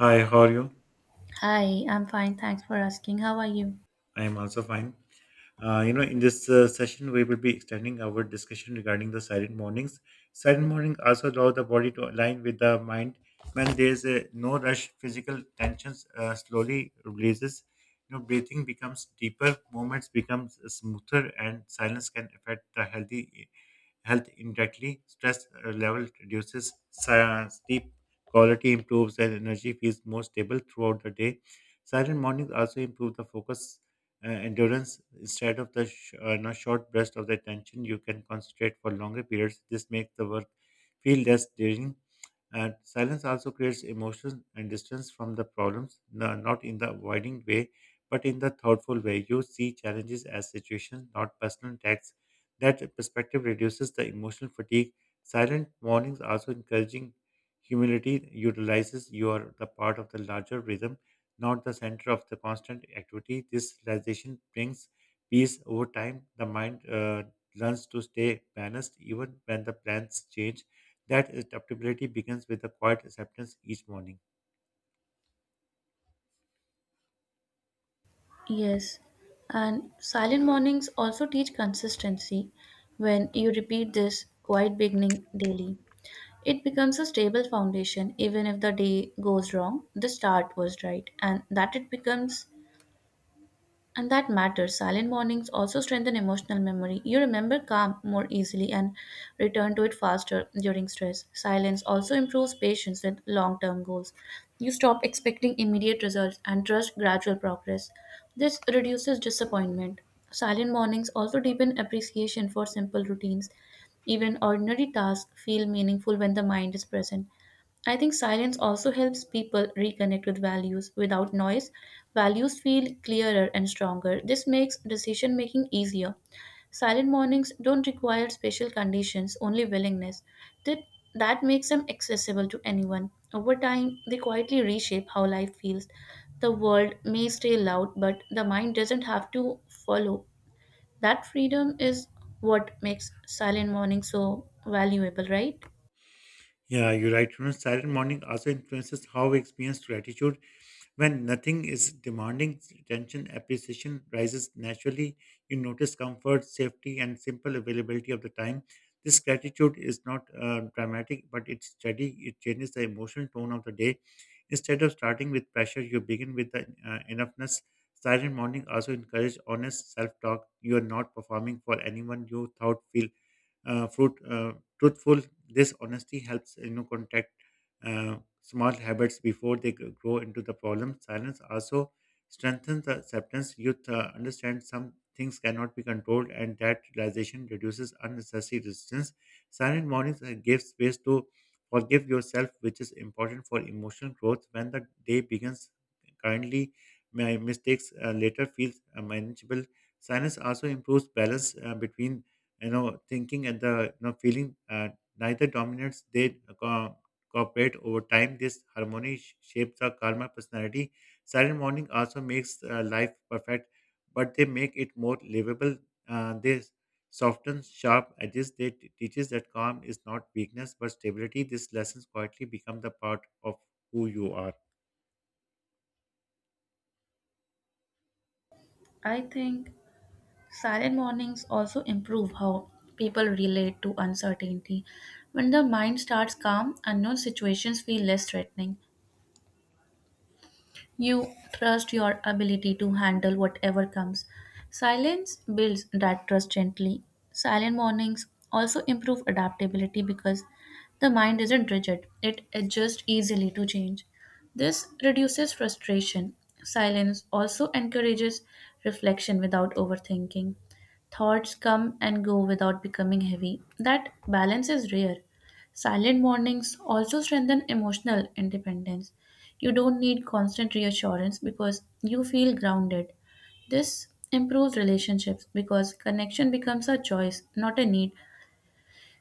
Hi, how are you? Hi, I'm fine. Thanks for asking. How are you? I am also fine. In this session, we will be extending our discussion regarding the silent mornings. Silent morning also allow the body to align with the mind. When there is a no rush, physical tensions slowly releases. Breathing becomes deeper, movements becomes smoother, and silence can affect the healthy health indirectly. Stress level reduces, sleep quality improves, and energy feels more stable throughout the day. Silent mornings also improve the focus endurance instead of the sh- no, short burst of the attention. You can concentrate for longer periods. This makes the work feel less draining, and silence also creates emotion and distance from the problems, not in the avoiding way but in the thoughtful way. You see challenges as situations, not personal attacks. That perspective reduces the emotional fatigue. Silent mornings also encouraging humility utilizes. You are the part of the larger rhythm, not the center of the constant activity. This realization brings peace over time. The mind learns to stay balanced even when the plans change. That adaptability begins with a quiet acceptance each morning. Yes. And silent mornings also teach consistency. When you repeat this quiet beginning daily, it becomes a stable foundation even if the day goes wrong. The start was right, and that it becomes. And that matters. Silent mornings also strengthen emotional memory. You remember calm more easily and return to it faster during stress. Silence also improves patience with long term goals. You stop expecting immediate results and trust gradual progress. This reduces disappointment. Silent mornings also deepen appreciation for simple routines. Even ordinary tasks feel meaningful when the mind is present. I think silence also helps people reconnect with values. Without noise, values feel clearer and stronger. This makes decision making easier. Silent mornings don't require special conditions, only willingness. That, that makes them accessible to anyone. Over time, they quietly reshape how life feels. The world may stay loud, but the mind doesn't have to follow. That freedom is what makes silent mornings so valuable, right? Yeah, you're right. Silent morning also influences how we experience gratitude. When nothing is demanding attention, appreciation rises naturally. You notice comfort, safety, and simple availability of the time. This gratitude is not dramatic, but it's steady. It changes the emotional tone of the day. Instead of starting with pressure, you begin with the enoughness. Silent morning also encourage honest self-talk. You are not performing for anyone. You thought feel uh, fruit, uh, truthful. This honesty helps you know contact small habits before they grow into the problem. Silence also strengthens the acceptance. Youth understand some things cannot be controlled, and that realization reduces unnecessary resistance. Silent mornings give space to forgive yourself, which is important for emotional growth. When the day begins kindly, my mistakes later feels manageable. Silence also improves balance between thinking and the feeling. Neither dominates; they uh, cooperate over time. This harmony shapes our karma personality. Silent morning also makes life perfect, but they make it more livable. They soften sharp edges. They teaches that calm is not weakness but stability. These lessons quietly become the part of who you are. I think silent mornings also improve how people relate to uncertainty. When the mind starts calm, unknown situations feel less threatening. You trust your ability to handle whatever comes. Silence builds that trust gently. Silent mornings also improve adaptability because the mind isn't rigid, it adjusts easily to change. This reduces frustration. Silence also encourages reflection without overthinking. Thoughts come and go without becoming heavy. That balance is rare. Silent mornings also strengthen emotional independence. You don't need constant reassurance because you feel grounded. This improves relationships because connection becomes a choice, not a need.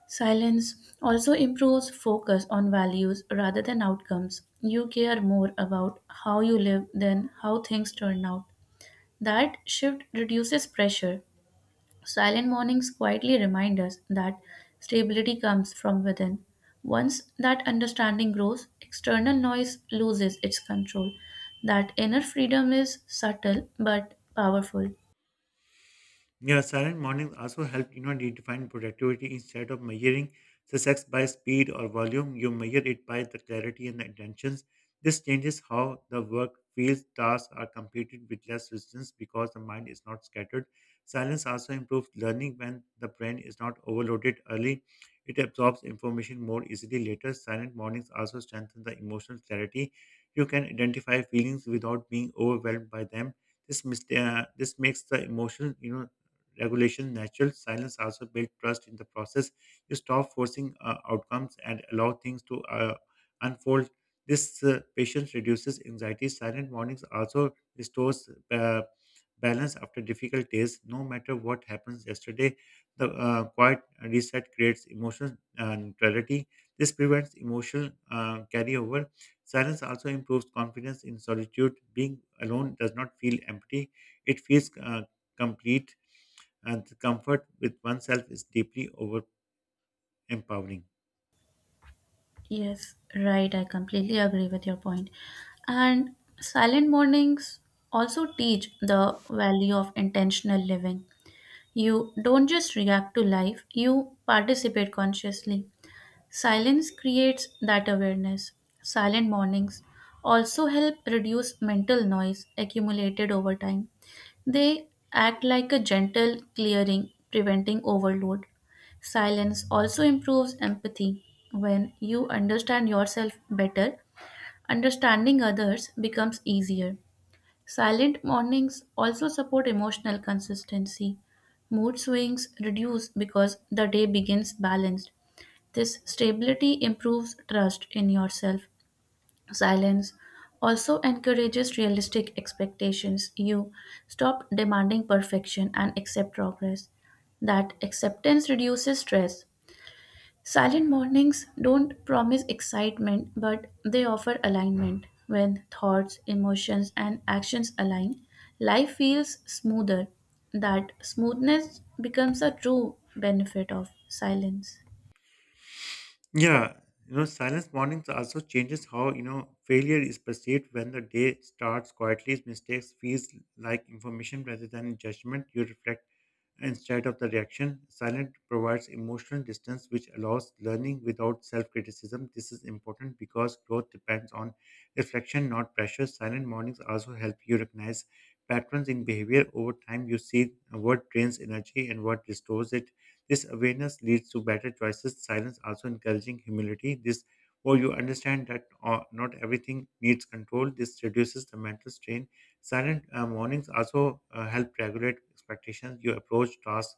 Silence also improves focus on values rather than outcomes. You care more about how you live than how things turn out. That shift reduces pressure. Silent mornings quietly remind us that stability comes from within. Once that understanding grows, external noise loses its control. That inner freedom is subtle but powerful. Yeah, silent mornings also help redefine productivity. Instead of measuring success by speed or volume, you measure it by the clarity and the intentions. This changes how the work feels. Tasks are completed with less resistance because the mind is not scattered. Silence also improves learning. When the brain is not overloaded early, it absorbs information more easily later. Silent mornings also strengthen the emotional clarity. You can identify feelings without being overwhelmed by them. This makes the emotion regulation natural. Silence also builds trust in the process. You stop forcing outcomes and allow things to unfold. This patience reduces anxiety. Silent mornings also restores balance after difficult days. No matter what happens yesterday, the quiet reset creates emotional neutrality. This prevents emotional carryover. Silence also improves confidence in solitude. Being alone does not feel empty; it feels complete, and the comfort with oneself is deeply over empowering. Yes, right, I completely agree with your point. And silent mornings also teach the value of intentional living. You don't just react to life, you participate consciously. Silence creates that awareness. Silent mornings also help reduce mental noise accumulated over time. They act like a gentle clearing, preventing overload. Silence also improves empathy. When you understand yourself better, understanding others becomes easier. Silent mornings also support emotional consistency. Mood swings reduce because the day begins balanced. This stability improves trust in yourself. Silence also encourages realistic expectations. You stop demanding perfection and accept progress. That acceptance reduces stress. Silent mornings don't promise excitement, but they offer alignment. When thoughts, emotions, and actions align, life feels smoother. That smoothness becomes a true benefit of silence. Yeah, you know, silence mornings also changes how failure is perceived. When the day starts quietly, mistakes feels like information rather than judgment. You reflect instead of the reaction. Silence provides emotional distance, which allows learning without self criticism. This is important because growth depends on reflection, not pressure. Silent mornings also help you recognize patterns in behavior over time. You see what drains energy and what restores it. This awareness leads to better choices. Silence also encouraging humility. This or you understand that not everything needs control. This reduces the mental strain. Silent mornings also help regulate expectations. You approach tasks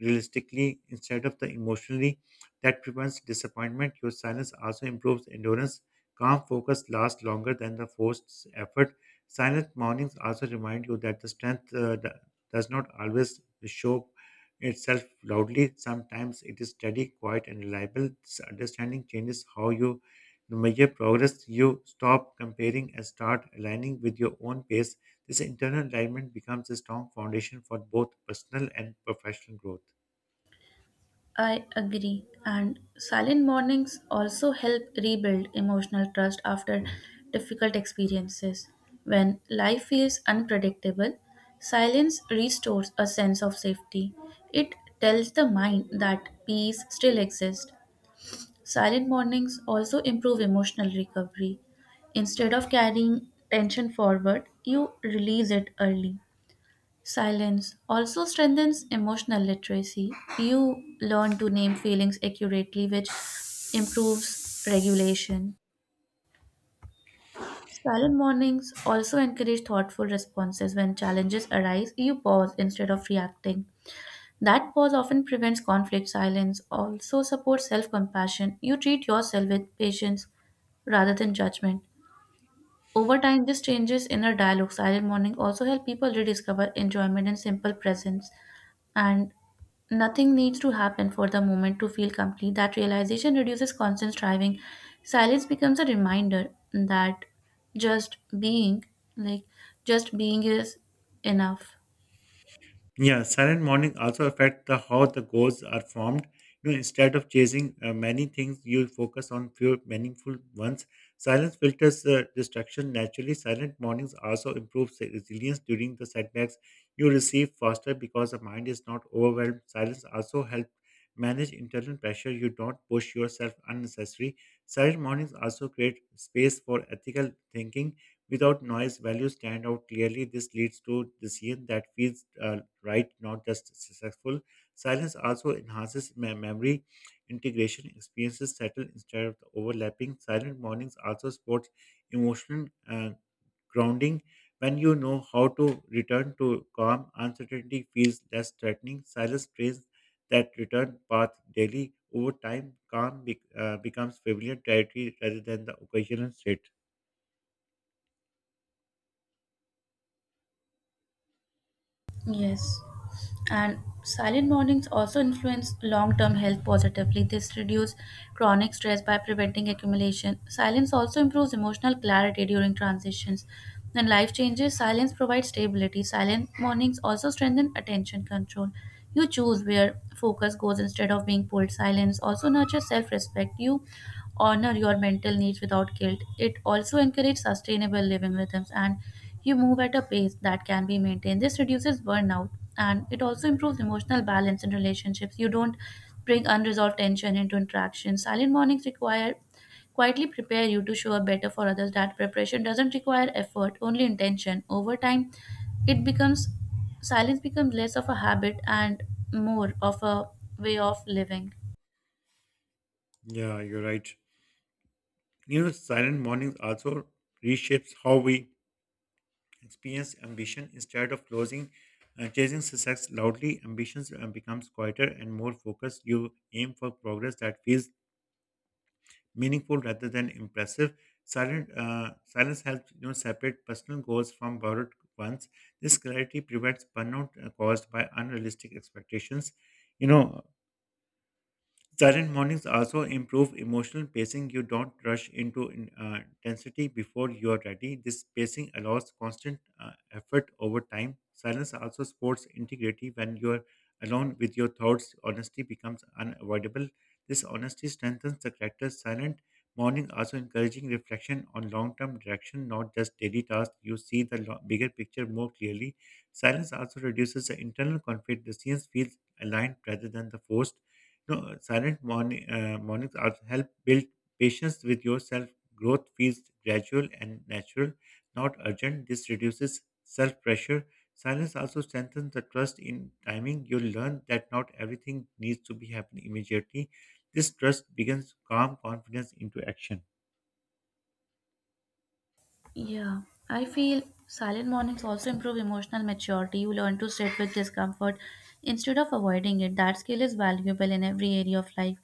realistically instead of the emotionally. That prevents disappointment. Your silence also improves endurance. Calm focus lasts longer than the forced effort. Silent mornings also remind you that the strength does not always show itself loudly. Sometimes it is steady, quiet, and reliable. This understanding changes how you measure progress. You stop comparing and start aligning with your own pace. This internal alignment becomes a strong foundation for both personal and professional growth. I agree. And silent mornings also help rebuild emotional trust after difficult experiences. When life feels unpredictable, silence restores a sense of safety. It tells the mind that peace still exists. Silent mornings also improve emotional recovery. Instead of carrying tension forward, you release it early. Silence also strengthens emotional literacy. You learn to name feelings accurately, which improves regulation. Silent mornings also encourage thoughtful responses when challenges arise. You pause instead of reacting. That pause often prevents conflict. Silence also supports self compassion. You treat yourself with patience rather than judgment. Over time, this changes inner dialogue. Silent morning also help people rediscover enjoyment in simple presence, and nothing needs to happen for the moment to feel complete. That realization reduces constant striving. Silence becomes a reminder that just being, like just being, is enough. Yeah, silent morning also affect the how the goals are formed. You know, instead of chasing many things, you focus on few meaningful ones. Silence filters distraction naturally. Silent mornings also improve resilience during the setbacks. You receive faster because the mind is not overwhelmed. Silence also helps manage internal pressure. You don't push yourself unnecessary. Silent mornings also create space for ethical thinking. Without noise, values stand out clearly. This leads to decision that feels right, not just successful. Silence also enhances memory integration. Experiences settle instead of overlapping. Silent mornings also support emotional uh, grounding. When you know how to return to calm, uncertainty feels less threatening. Silence trains that return path daily. Over time, calm becomes familiar territory rather than the occasional state. Yes. And silent mornings also influence long term health positively. This reduces chronic stress by preventing accumulation. Silence also improves emotional clarity during transitions. When life changes, silence provides stability. Silent mornings also strengthen attention control. You choose where focus goes instead of being pulled. Silence also nurtures self respect. You honor your mental needs without guilt. It also encourages sustainable living rhythms, and you move at a pace that can be maintained. This reduces burnout, and it also improves emotional balance in relationships. You don't bring unresolved tension into interactions. Silent mornings require quietly prepare you to show up better for others. That preparation doesn't require effort, only intention. Over time, it becomes silence becomes less of a habit and more of a way of living. Yeah, you're right. You know, silent mornings also reshapes how we experience ambition. Instead of closing, chasing success loudly, ambitions becomes quieter and more focused. You aim for progress that feels meaningful rather than impressive. Silent silence helps separate personal goals from borrowed ones. This clarity prevents burnout caused by unrealistic expectations. You know, Silent mornings also improve emotional pacing. You don't rush into intensity before you are ready. This pacing allows constant effort over time. Silence also supports integrity. When you are alone with your thoughts, honesty becomes unavoidable. This honesty strengthens the character. Silent morning also encouraging reflection on long-term direction, not just daily tasks. You see the bigger picture more clearly. Silence also reduces the internal conflict. Decisions feel aligned rather than the forced. No, silent mornings also help build patience with yourself. Growth feels gradual and natural, not urgent. This reduces self pressure. Silence also strengthens the trust in timing. You learn that not everything needs to be happening immediately. This trust begins to calm confidence into action. Yeah, I feel silent mornings also improve emotional maturity. You learn to sit with discomfort instead of avoiding it. That skill is valuable in every area of life.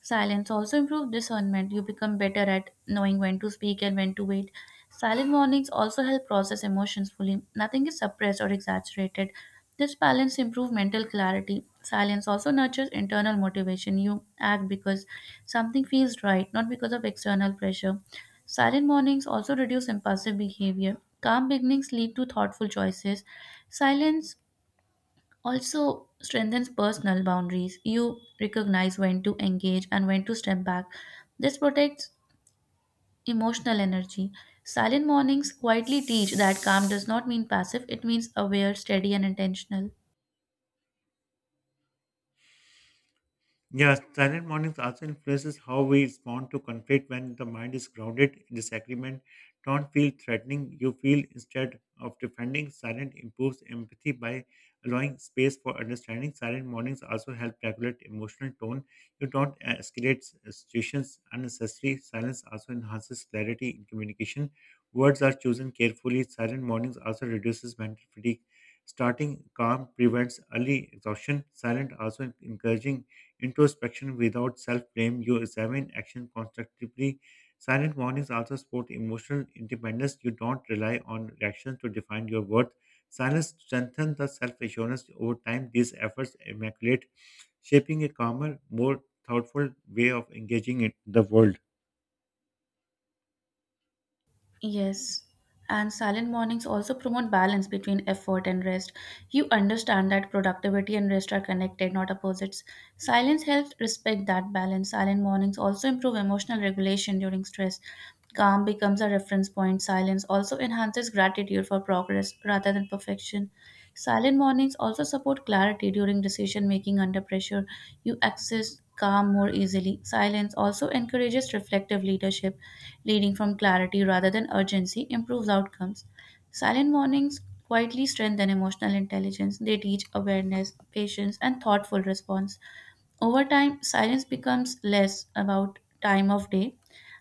Silence also improves discernment. You become better at knowing when to speak and when to wait. Silent mornings also help process emotions fully. Nothing is suppressed or exaggerated. This balance improves mental clarity. Silence also nurtures internal motivation. You act because something feels right, not because of external pressure. Silent mornings also reduce impulsive behavior. Calm beginnings lead to thoughtful choices. Silence also strengthens personal boundaries. You recognize when to engage and when to step back. This protects emotional energy. Silent mornings quietly teach that calm does not mean passive, it means aware, steady, and intentional. Yeah, silent mornings also influences how we respond to conflict. When the mind is grounded in disagreement, don't feel threatening, you feel instead of defending. Silent improves empathy by allowing space for understanding. Silent mornings also help regulate emotional tone. You don't escalate situations unnecessarily. Silence also enhances clarity in communication. Words are chosen carefully. Silent mornings also reduces mental fatigue. Starting calm prevents early exhaustion. Silent also encouraging introspection without self blame. You examine action constructively. Silent warnings also support emotional independence. You don't rely on reactions to define your worth. Silence strengthens the self assurance over time. These efforts immaculate, shaping a calmer, more thoughtful way of engaging in the world. Yes, and silent mornings also promote balance between effort and rest. You understand that productivity and rest are connected, not opposites. Silence helps respect that balance. Silent mornings also improve emotional regulation during stress. Calm becomes a reference point. Silence also enhances gratitude for progress rather than perfection. Silent mornings also support clarity during decision making under pressure. You access calm more easily. Silence also encourages reflective leadership, leading from clarity rather than urgency improves outcomes. Silent mornings quietly strengthen emotional intelligence. They teach awareness, patience, and thoughtful response. Over time, silence becomes less about time of day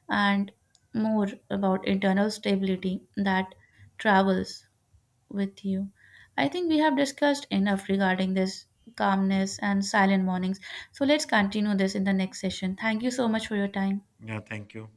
and more about internal stability that travels with you. I think we have discussed enough regarding this calmness and silent mornings. So let's continue this in the next session. Thank you so much for your time. Yeah, thank you.